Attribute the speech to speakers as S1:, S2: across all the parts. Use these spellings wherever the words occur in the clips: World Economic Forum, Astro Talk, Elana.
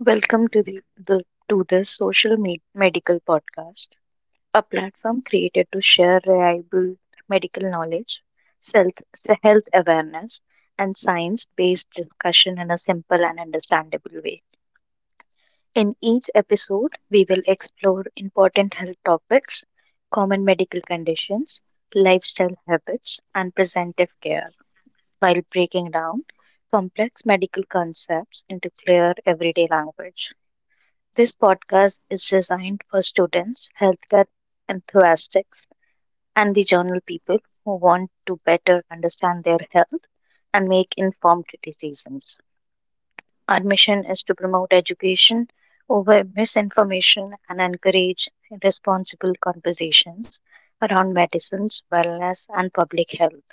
S1: Welcome to the Social Medical Podcast, a platform created to share reliable medical knowledge, health awareness, and science-based discussion in a simple and understandable way. In each episode, we will explore important health topics, common medical conditions, lifestyle habits, and preventive care, while breaking down complex medical concepts into clear everyday language. This podcast is designed for students, healthcare enthusiasts, and the general people who want to better understand their health and make informed decisions. Our mission is to promote education over misinformation and encourage responsible conversations around medicines, wellness, and public health,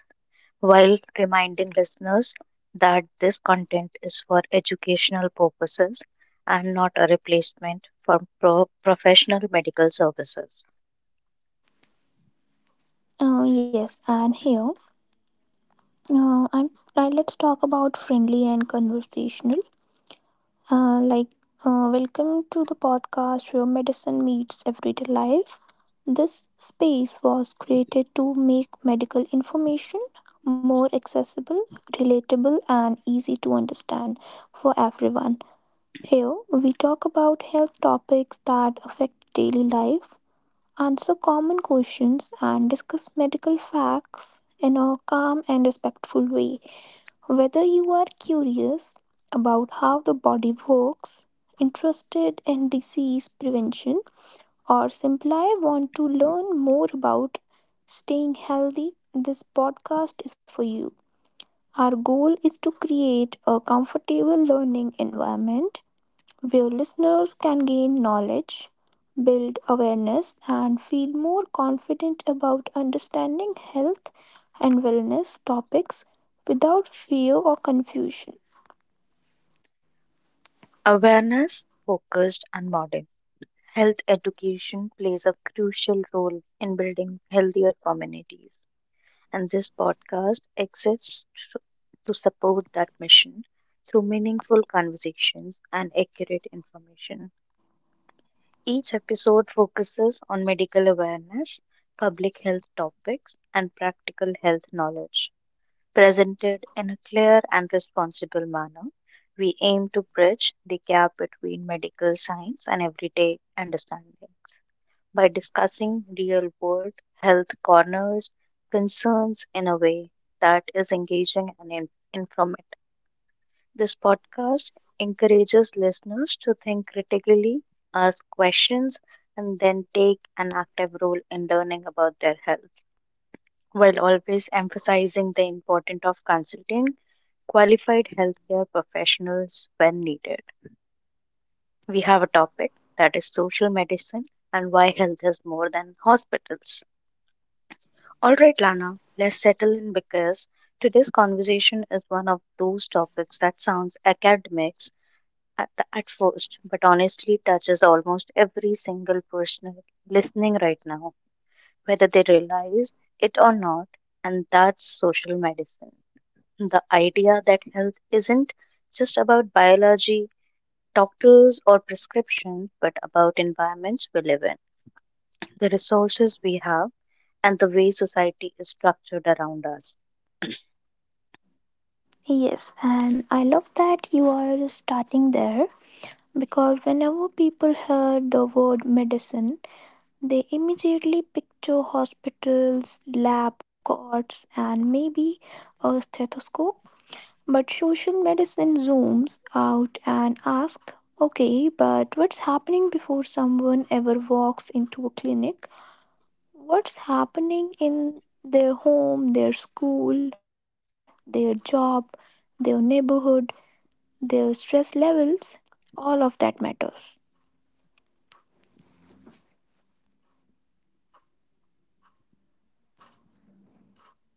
S1: while reminding listeners that this content is for educational purposes and not a replacement for professional medical services.
S2: Yes, and here, I'm right, let's talk about friendly and conversational. Uh, like, welcome to the podcast where medicine meets everyday life. This space was created to make medical information more accessible, relatable, and easy to understand for everyone. Here, we talk about health topics that affect daily life. Answer common questions and discuss medical facts in a calm and respectful way. Whether you are curious about how the body works, interested in disease prevention, or simply want to learn more about staying healthy, this podcast is for you. Our goal is to create a comfortable learning environment where listeners can gain knowledge, build awareness, and feel more confident about understanding health and wellness topics without fear or confusion.
S1: Awareness, focused, and modern. Health education plays a crucial role in building healthier communities, and this podcast exists to to support that mission through meaningful conversations and accurate information. Each episode focuses on medical awareness, public health topics, and practical health knowledge. Presented in a clear and responsible manner, we aim to bridge the gap between medical science and everyday understanding by discussing real world health corners, concerns in a way that is engaging and informative. This podcast encourages listeners to think critically, ask questions, and then take an active role in learning about their health, while always emphasizing the importance of consulting qualified healthcare professionals when needed. We have a topic that is social medicine and why health is more than hospitals. All right, Lana, let's settle in because today's conversation is one of those topics that sounds academic at first, but honestly touches almost every single person listening right now, whether they realize it or not. And that's social medicine. The idea that health isn't just about biology, doctors, or prescriptions, but about environments we live in, the resources we have, and the way society is structured around us.
S2: Yes, and I love that you are starting there because whenever people hear the word medicine, they immediately picture hospitals, lab coats, and maybe a stethoscope. But social medicine zooms out and asks, okay, but what's happening before someone ever walks into a clinic? What's happening in their home, their school, their job, their neighborhood, their stress levels? All of that matters.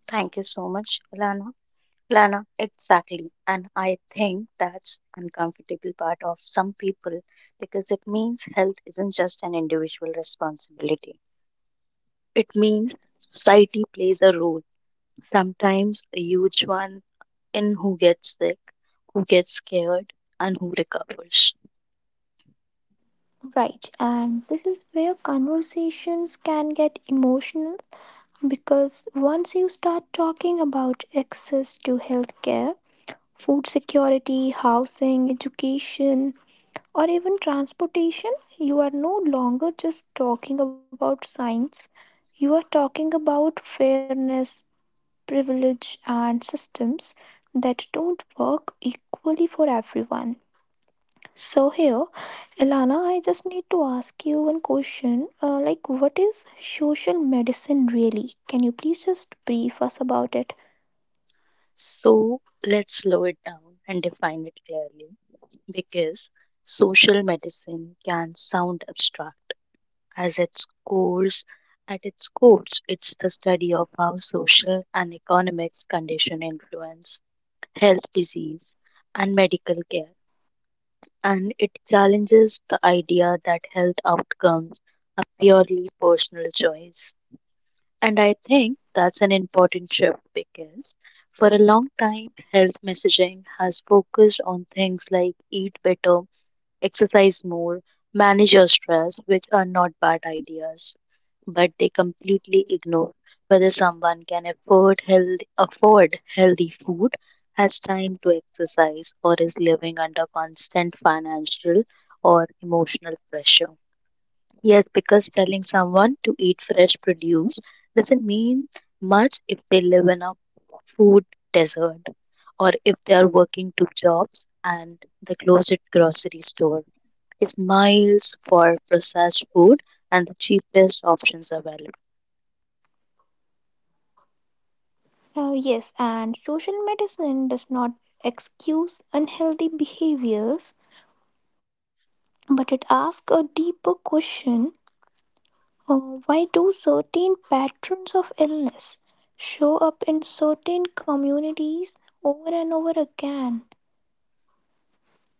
S1: Thank you so much, Ilana. Lana, exactly. And I think that's uncomfortable part of some people because it means health isn't just an individual responsibility. It means society plays a role, sometimes a huge one, in who gets sick, who gets scared, and who recovers.
S2: Right, and this is where conversations can get emotional because once you start talking about access to healthcare, food security, housing, education, or even transportation, you are no longer just talking about science. You are talking about fairness, privilege, and systems that don't work equally for everyone. So, here, Elana, I just need to ask you one question. What is social medicine really? Can you please just brief us about it?
S1: So let's slow it down and define it clearly because social medicine can sound abstract. As its cores At its cores, it's the study of how social and economic conditions influence health, disease, and medical care, and it challenges the idea that health outcomes are purely personal choice. And I think that's an important shift because for a long time, health messaging has focused on things like eat better, exercise more, manage your stress, which are not bad ideas, but they completely ignore whether someone can afford healthy food, has time to exercise, or is living under constant financial or emotional pressure. Yes, because telling someone to eat fresh produce doesn't mean much if they live in a food desert, or if they are working two jobs and the closest grocery store is miles for processed food and the cheapest options available.
S2: Oh, yes, and social medicine does not excuse unhealthy behaviors, but it asks a deeper question, uh, why do certain patterns of illness show up in certain communities over and over again?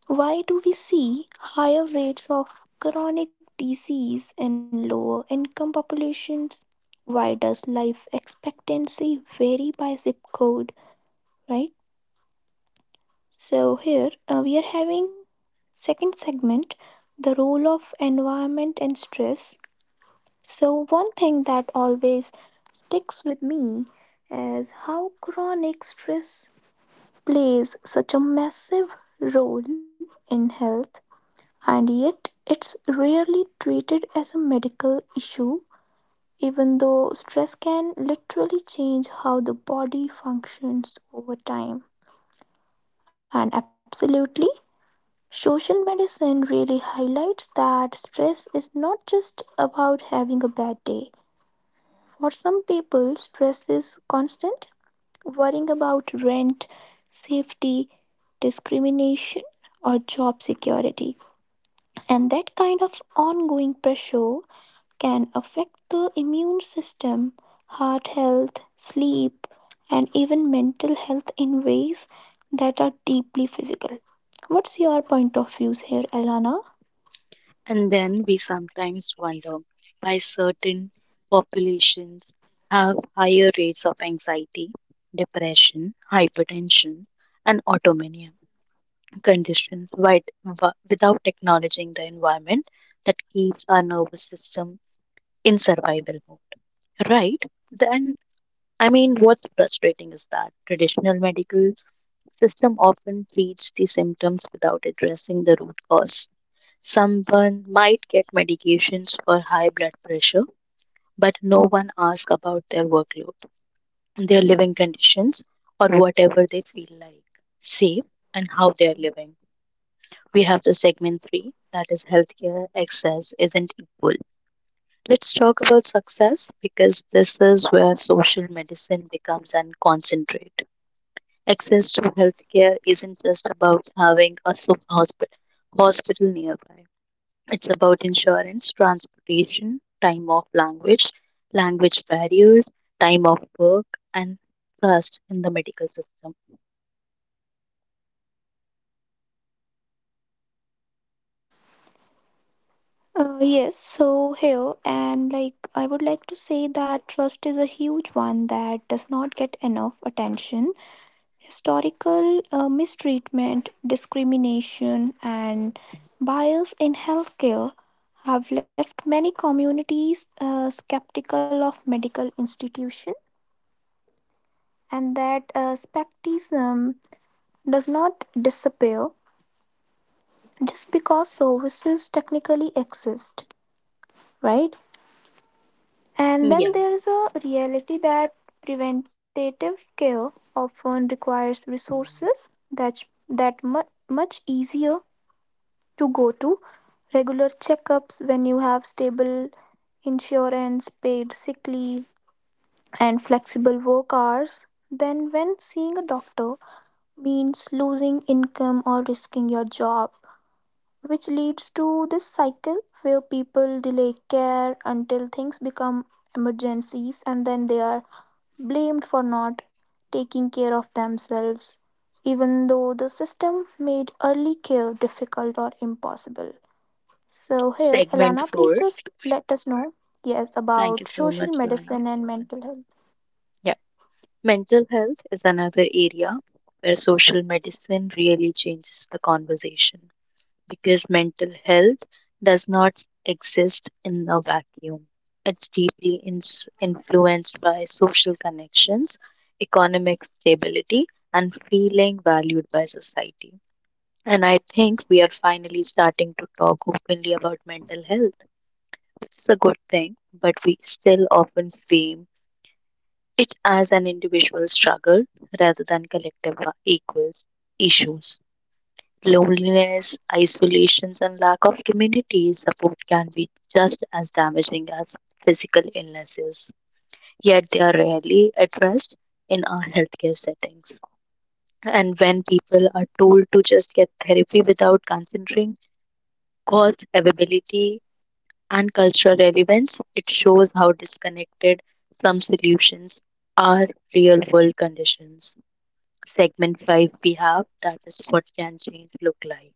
S2: Why do we see higher rates of chronic disease in lower income populations? Why does life expectancy vary by zip code, right? So here, we are having second segment, the role of environment and stress. So one thing that always sticks with me is how chronic stress plays such a massive role in health and yet it's rarely treated as a medical issue even though stress can literally change how the body functions over time and absolutely. Social medicine really highlights that stress is not just about having a bad day. For some people, stress is constant, worrying about rent, safety, discrimination, or job security. And that kind of ongoing pressure can affect the immune system, heart health, sleep, and even mental health in ways that are deeply physical. What's your point of view here, Elana?
S1: And then we sometimes wonder why certain populations have higher rates of anxiety, depression, hypertension, and autoimmune conditions without acknowledging the environment that keeps our nervous system in survival mode. Right? Then, what's frustrating is that traditional medical system often treats the symptoms without addressing the root cause. Someone might get medications for high blood pressure, but no one asks about their workload, their living conditions, or whatever they feel like, safe, and how they are living. We have the segment three that is healthcare access isn't equal. Let's talk about success because this is where social medicine becomes an concentrate. Access to healthcare isn't just about having a hospital nearby. It's about insurance, transportation, language barriers, time of work, and trust in the medical system.
S2: Yes, so here, and I would like to say that trust is a huge one that does not get enough attention. Historical mistreatment, discrimination, and bias in healthcare have left many communities skeptical of medical institutions, and that skepticism does not disappear just because services technically exist, right? And then
S1: Yeah.
S2: there's a reality that preventative care often requires resources that much easier to go to regular checkups when you have stable insurance, paid sick leave, and flexible work hours than when seeing a doctor means losing income or risking your job, which leads to this cycle where people delay care until things become emergencies and then they are blamed for not taking care of themselves, even though the system made early care difficult or impossible. So, here,
S1: Segment
S2: Elana, please
S1: four.
S2: just let us know, yes,
S1: Thank you
S2: about
S1: so much,
S2: social
S1: Lana.
S2: medicine and mental health.
S1: Yeah. Mental health is another area where social medicine really changes the conversation, because mental health does not exist in a vacuum. It's deeply ins influenced by social connections, economic stability, and feeling valued by society. And I think we are finally starting to talk openly about mental health, which is a good thing, but we still often fame it as an individual struggle rather than collective equals issues. Loneliness, isolations, and lack of community support can be just as damaging as physical illnesses, yet they are rarely addressed in our healthcare settings. And when people are told to just get therapy without considering cost, availability, and cultural relevance, it shows how disconnected some solutions are real world conditions. Segment 5, we have that is what can change look like.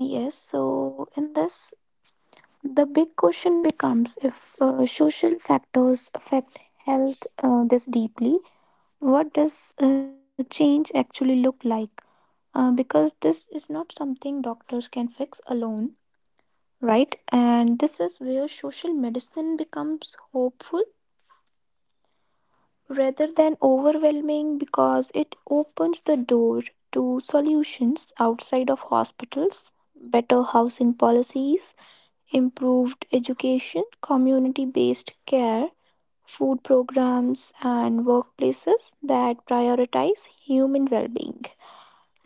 S2: Yes, so in this, the big question becomes if social factors affect health this deeply, what does change actually look like? Because this is not something doctors can fix alone, right? And this is where social medicine becomes hopeful rather than overwhelming because it opens the door to solutions outside of hospitals, better housing policies, improved education, community based care, food programs, and workplaces that prioritize human well being.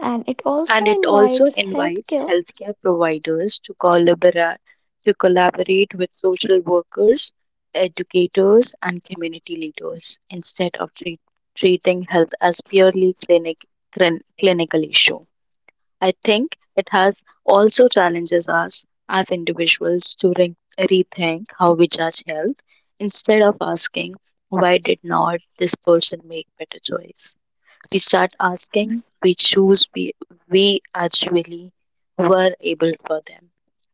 S2: And it
S1: And
S2: also
S1: it also
S2: invites
S1: invites
S2: healthcare.
S1: healthcare providers to collaborate with social workers, educators, and community leaders instead of treating health as purely clinical issue. I think it has also challenges us as individuals to rethink how we judge health. Instead of asking, why did not this person make better choice? We start asking, we actually were able for them.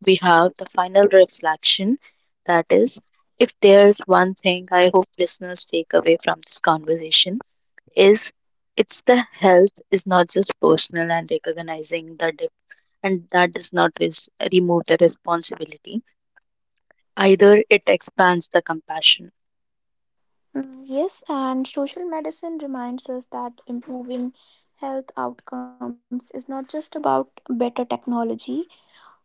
S1: We have the final reflection that is, if there's one thing I hope listeners take away from this conversation is it's the health is not just personal and recognizing the and that does not remove the responsibility. Either it expands the compassion.
S2: Mm, yes, and social medicine reminds us that improving health outcomes is not just about better technology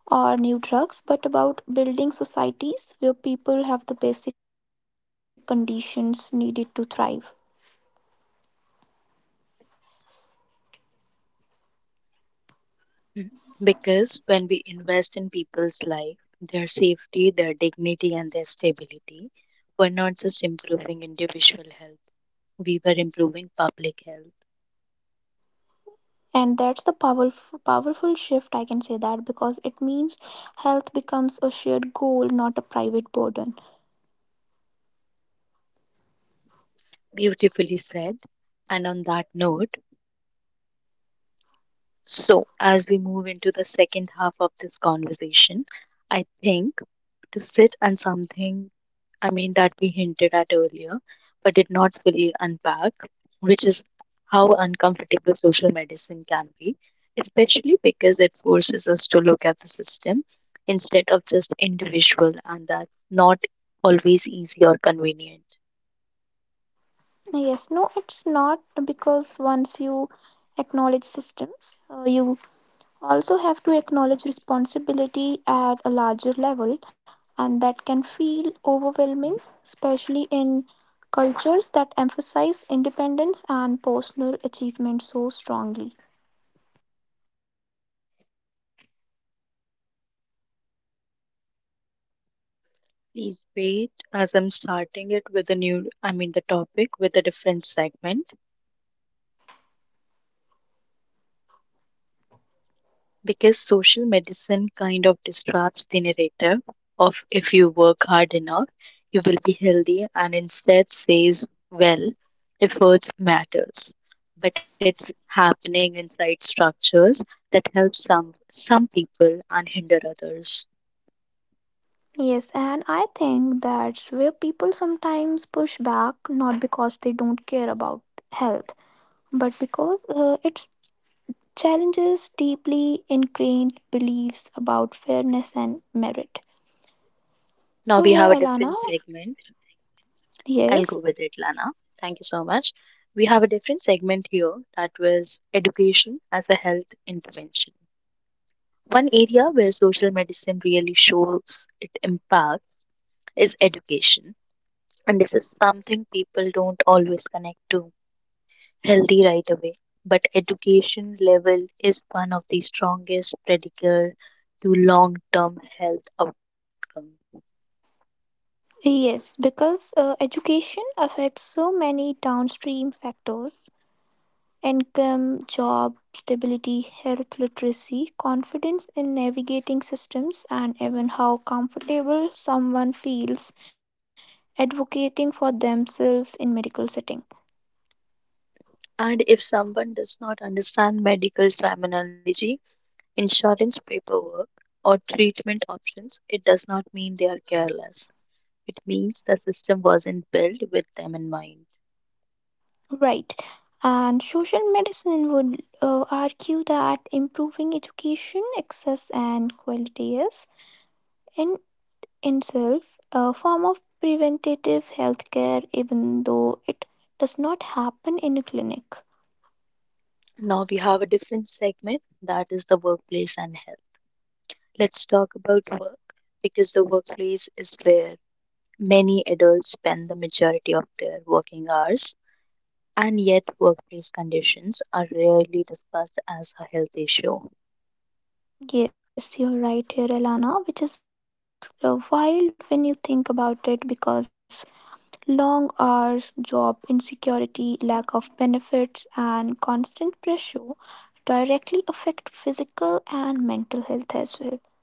S2: or new drugs, but about building societies where people have the basic conditions needed to thrive.
S1: Mm. Because when we invest in people's life, their safety, their dignity, and their stability, we're not just improving individual health, we were improving public health.
S2: And that's the powerful, powerful shift, I can say that, because it means health becomes a shared goal, not a private burden.
S1: Beautifully said. And on that note, so as we move into the second half of this conversation, I think to sit on something, that we hinted at earlier, but did not fully unpack, which is how uncomfortable social medicine can be, especially because it forces us to look at the system instead of just individual, and that's not always easy or convenient.
S2: Yes, no, it's not because once you acknowledge systems, you also have to acknowledge responsibility at a larger level, and that can feel overwhelming, especially in cultures that emphasize independence and personal achievement so strongly.
S1: Please wait as I'm starting it with a new, the topic with a different segment. Because social medicine kind of disrupts the narrative of if you work hard enough, you will be healthy, and instead says, well, efforts matters. But it's happening inside structures that help some people and hinder others.
S2: Yes, and I think that's where people sometimes push back, not because they don't care about health, but because it challenges deeply ingrained beliefs about fairness and merit.
S1: Now
S2: So,
S1: we
S2: here,
S1: have a
S2: Elana,
S1: different segment. I'll go
S2: yes.
S1: with it, Lana. Thank you so much. We have a different segment here that was education as a health intervention. One area where social medicine really shows its impact is education. And this is something people don't always connect to healthy right away. But education level is one of the strongest predictor to long term health outcome.
S2: Yes, because education affects so many downstream factors: income, job, stability, health literacy, confidence in navigating systems, and even how comfortable someone feels advocating for themselves in medical setting.
S1: And if someone does not understand medical terminology, insurance paperwork, or treatment options, it does not mean they are careless. It means the system wasn't built with them in mind.
S2: Right. And social medicine would argue that improving education, access, and quality is in itself a form of preventative healthcare, even though it does not happen in a clinic.
S1: Now we have a different segment that is the workplace and health. Let's talk about work because the workplace is where many adults spend the majority of their working hours, and yet, workplace conditions are rarely discussed as a health issue.
S2: Yes, you're right here, Elana, which is wild when you think about it because long hours, job insecurity, lack of benefits, and constant pressure directly affect physical and mental health as well.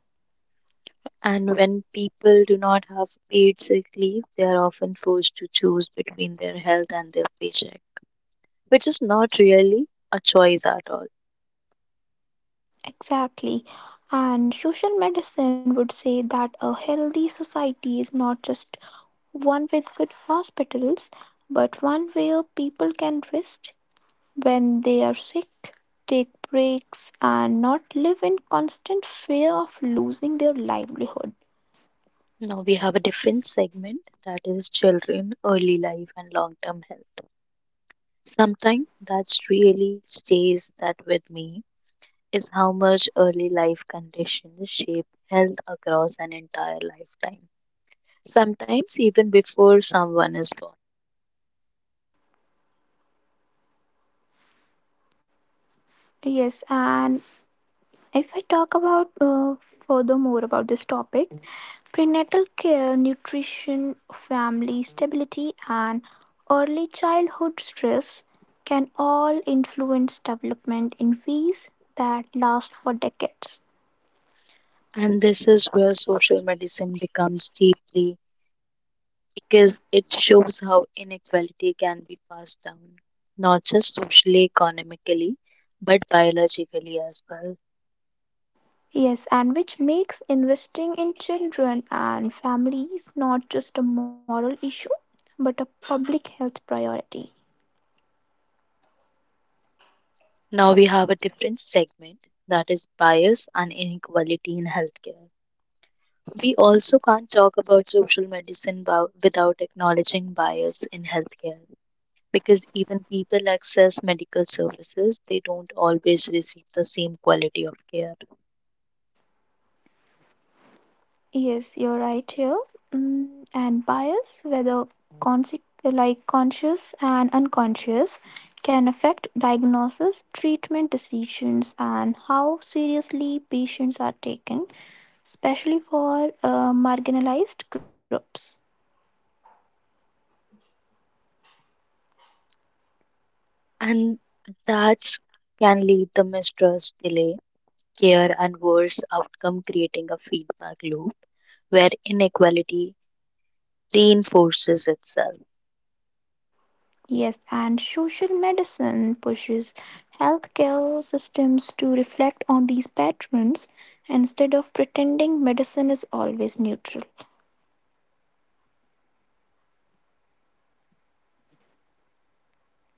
S1: And when people do not have paid sick leave, they are often forced to choose between their health and their paycheck, which is not really a choice at all.
S2: Exactly. And social medicine would say that a healthy society is not just one with good hospitals, but one where people can rest when they are sick, take breaks, and not live in constant fear of losing their livelihood.
S1: Now we have a different segment that is children, early life, and long term health. Something that really stays that with me is how much early life conditions shape health across an entire lifetime, sometimes even before someone is born.
S2: Yes, and if I talk about furthermore about this topic, prenatal care, nutrition, family stability, and early childhood stress can all influence development in ways that last for decades.
S1: And this is where social medicine becomes deeply, because it shows how inequality can be passed down, not just socially, economically, but biologically as well.
S2: Yes, and which makes investing in children and families not just a moral issue, but a public health priority.
S1: Now we have a different segment that is bias and inequality in healthcare. We also can't talk about social medicine without acknowledging bias in healthcare, because even people access medical services, they don't always receive the same quality of care.
S2: Yes, you're right here. Mm, and bias, whether conscious and unconscious, can affect diagnosis, treatment decisions, and how seriously patients are taken, especially for marginalized groups.
S1: And that can lead to mistrust, delay, care, and worse outcome, creating a feedback loop where inequality reinforces itself.
S2: Yes, and social medicine pushes healthcare systems to reflect on these patterns instead of pretending medicine is always neutral.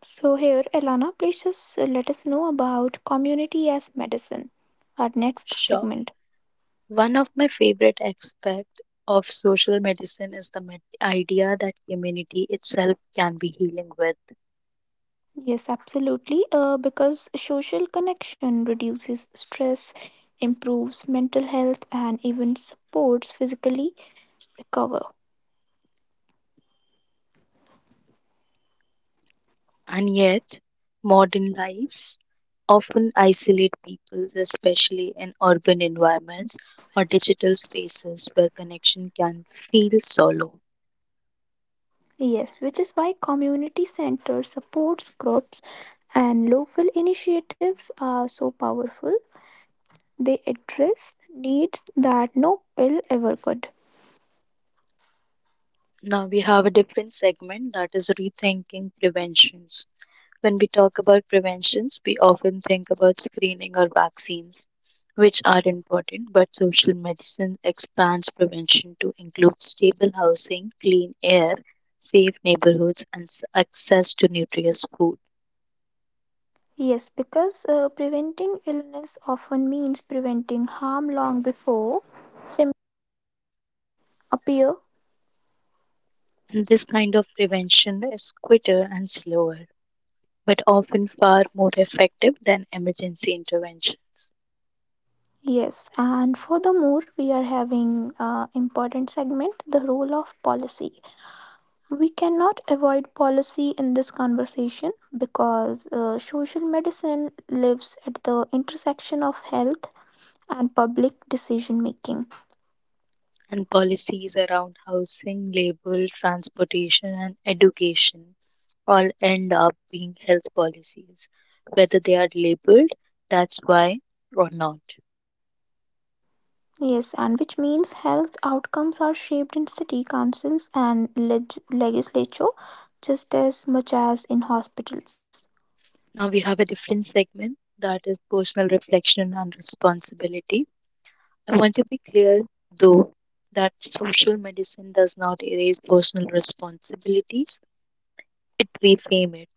S2: So, here, Elana, please just let us know about community as medicine, our next
S1: Sure.
S2: segment.
S1: One of my favorite aspects of social medicine is the idea that community itself can be healing with.
S2: Yes, absolutely. Because social connection reduces stress, improves mental health, and even supports physically recover.
S1: And yet, modern life often isolate people, especially in urban environments or digital spaces where connection can feel solo.
S2: Yes, which is why community centers, supports groups, and local initiatives are so powerful. They address needs that no pill ever could.
S1: Now we have a different segment that is rethinking preventions. When we talk about preventions, we often think about screening or vaccines, which are important, but social medicine expands prevention to include stable housing, clean air, safe neighborhoods, and access to nutritious food.
S2: Yes, because preventing illness often means preventing harm long before symptoms appear.
S1: And this kind of prevention is quicker and slower, but often far more effective than emergency interventions.
S2: Yes, and furthermore, we are having important segment, the role of policy. We cannot avoid policy in this conversation because social medicine lives at the intersection of health and public decision making.
S1: And policies around housing, labor, transportation, and education all end up being health policies, whether they are labeled that's why or not.
S2: Yes, and which means health outcomes are shaped in city councils and legislature just as much as in hospitals.
S1: Now we have a different segment that is personal reflection and responsibility. I want to be clear though that social medicine does not erase personal responsibilities, it reframe it.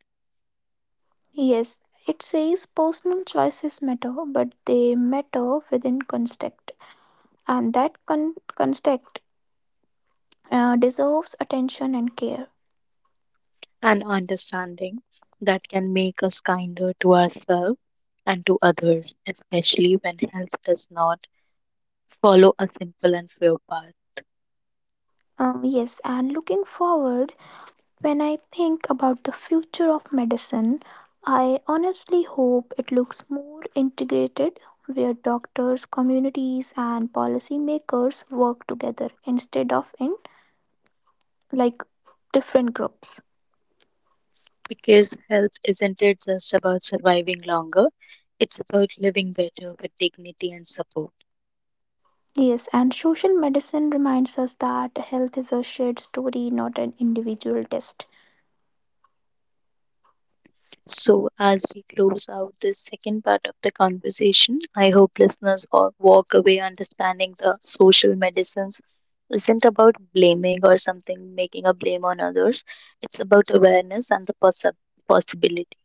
S2: Yes, it says personal choices matter, but they matter within context, and that context deserves attention and care.
S1: An understanding that can make us kinder to ourselves and to others, especially when health does not follow a simple and fair path.
S2: Yes, and looking forward, when I think about the future of medicine, I honestly hope it looks more integrated, where doctors, communities, and policymakers work together instead of in like different groups.
S1: Because health isn't it just about surviving longer, it's about living better with dignity and support.
S2: Yes, and social medicine reminds us that health is a shared story, not an individual test.
S1: So, as we close out this second part of the conversation, I hope listeners all walk away understanding the social medicines isn't about blaming or something making a blame on others. It's about awareness and the possibility.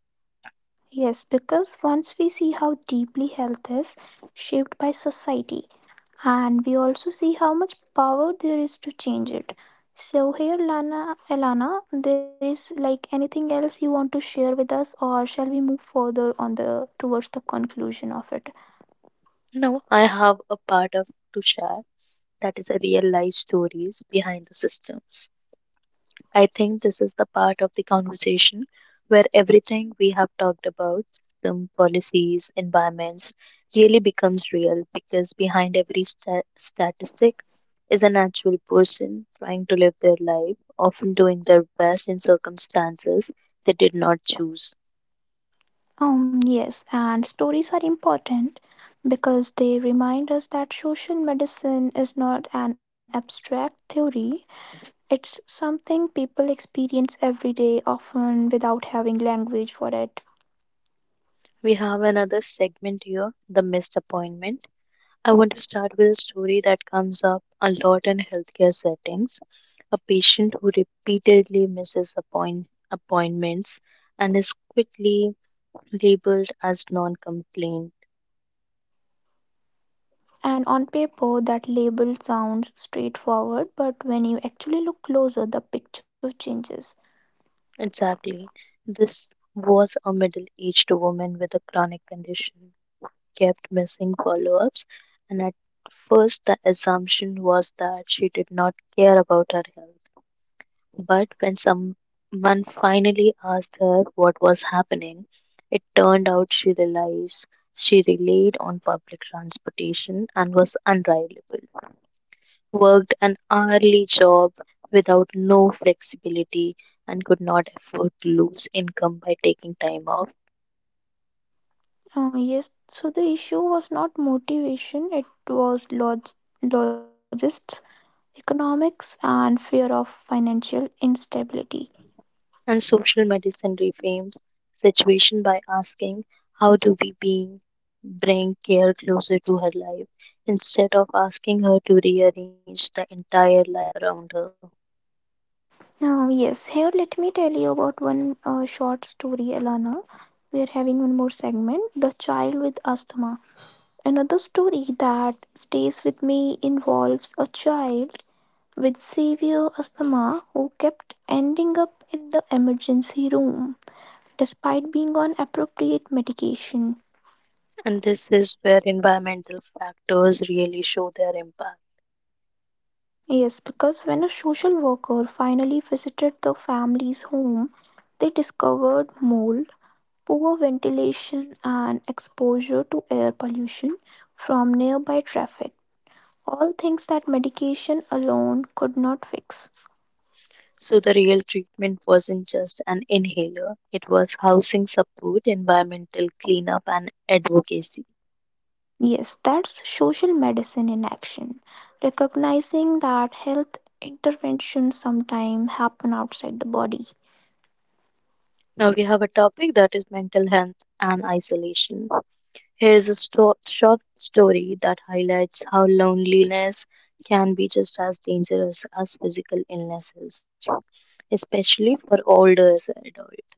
S2: Yes, because once we see how deeply health is shaped by society, and we also see how much power there is to change it. So here, Elana, there is anything else you want to share with us, or shall we move further on the towards the conclusion of it?
S1: Now, I have a part of to share that is a real life stories behind the systems. I think this is the part of the conversation where everything we have talked about system, policies, environments really becomes real, because behind every statistic is an actual person trying to live their life, often doing their best in circumstances they did not choose.
S2: Yes, and stories are important because they remind us that social medicine is not an abstract theory. It's something people experience every day, often without having language for it.
S1: We have another segment here the missed appointment. I want to start with a story that comes up a lot in healthcare settings. A patient who repeatedly misses appointments and is quickly labeled as non compliant.
S2: And on paper, that label sounds straightforward, but when you actually look closer, the picture changes.
S1: Exactly. This was a middle aged woman with a chronic condition, kept missing follow ups, and at first the assumption was that she did not care about her health. But when someone finally asked her what was happening, it turned out she realized she relied on public transportation and was unreliable, worked an hourly job without no flexibility, and could not afford to lose income by taking time off.
S2: Yes, so the issue was not motivation, it was logistics, economics, and fear of financial instability.
S1: And social medicine reframes situation by asking, how do we being bring care closer to her life, instead of asking her to rearrange the entire life around her?
S2: Now, yes, here let me tell you about one short story, Elana. We are having one more segment, The Child with Asthma. Another story that stays with me involves a child with severe asthma who kept ending up in the emergency room despite being on appropriate medication.
S1: And this is where environmental factors really show their impact.
S2: Yes, because when a social worker finally visited the family's home, they discovered mold, poor ventilation, and exposure to air pollution from nearby traffic. All things that medication alone could not fix.
S1: So the real treatment wasn't just an inhaler, it was housing support, environmental cleanup, and advocacy.
S2: Yes, that's social medicine in action. Recognizing that health interventions sometimes happen outside the body.
S1: Now we have a topic that is mental health and isolation. Here's a short story that highlights how loneliness can be just as dangerous as physical illnesses, especially for older adults.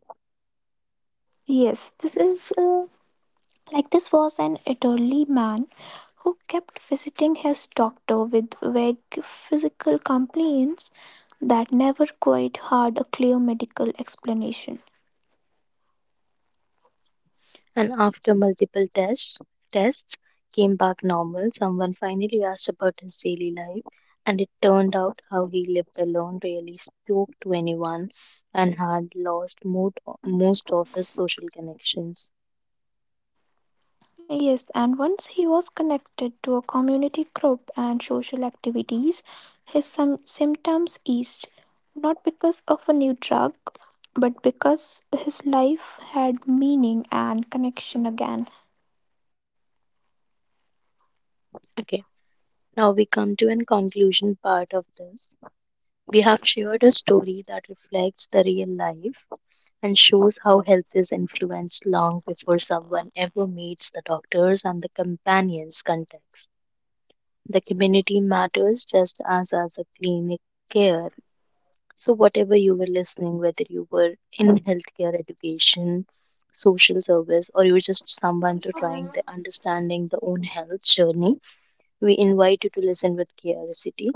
S2: Yes, this is this was an elderly man who kept visiting his doctor with vague physical complaints that never quite had a clear medical explanation.
S1: And after multiple tests came back normal. Someone finally asked about his daily life, and it turned out how he lived alone, rarely spoke to anyone, and had lost most of his social connections.
S2: Yes, and once he was connected to a community group and social activities, his symptoms eased, not because of a new drug, but because his life had meaning and connection again.
S1: Okay, now we come to an conclusion part of this. We have shared a story that reflects the real life and shows how health is influenced long before someone ever meets the doctors and the companions context. The community matters just as a clinic care. So whatever you were listening, whether you were in healthcare education, social service, or you're just someone to trying the understanding the own health journey, we invite you to listen with curiosity.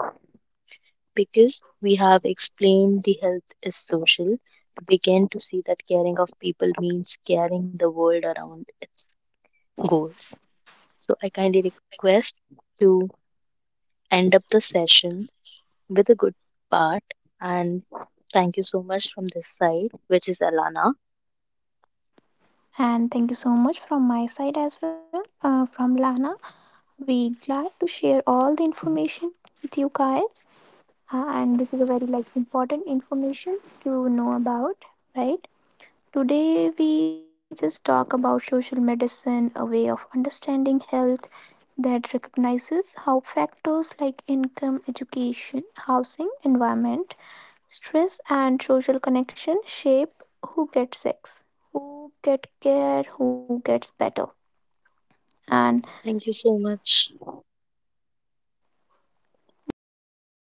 S1: Because we have explained the health is social, we begin to see that caring of people means caring the world around its goals. So I kindly request to end up the session with a good part, and thank you so much from this side, which is Alana.
S2: And thank you so much from my side as well, from Lana. We glad to share all the information with you guys. And this is a very important information to know about, right? Today, we just talk about social medicine, a way of understanding health that recognizes how factors like income, education, housing, environment, stress, and social connection shape who gets sick, who get care, who gets better. And
S1: Thank you so much.
S2: yes, and because when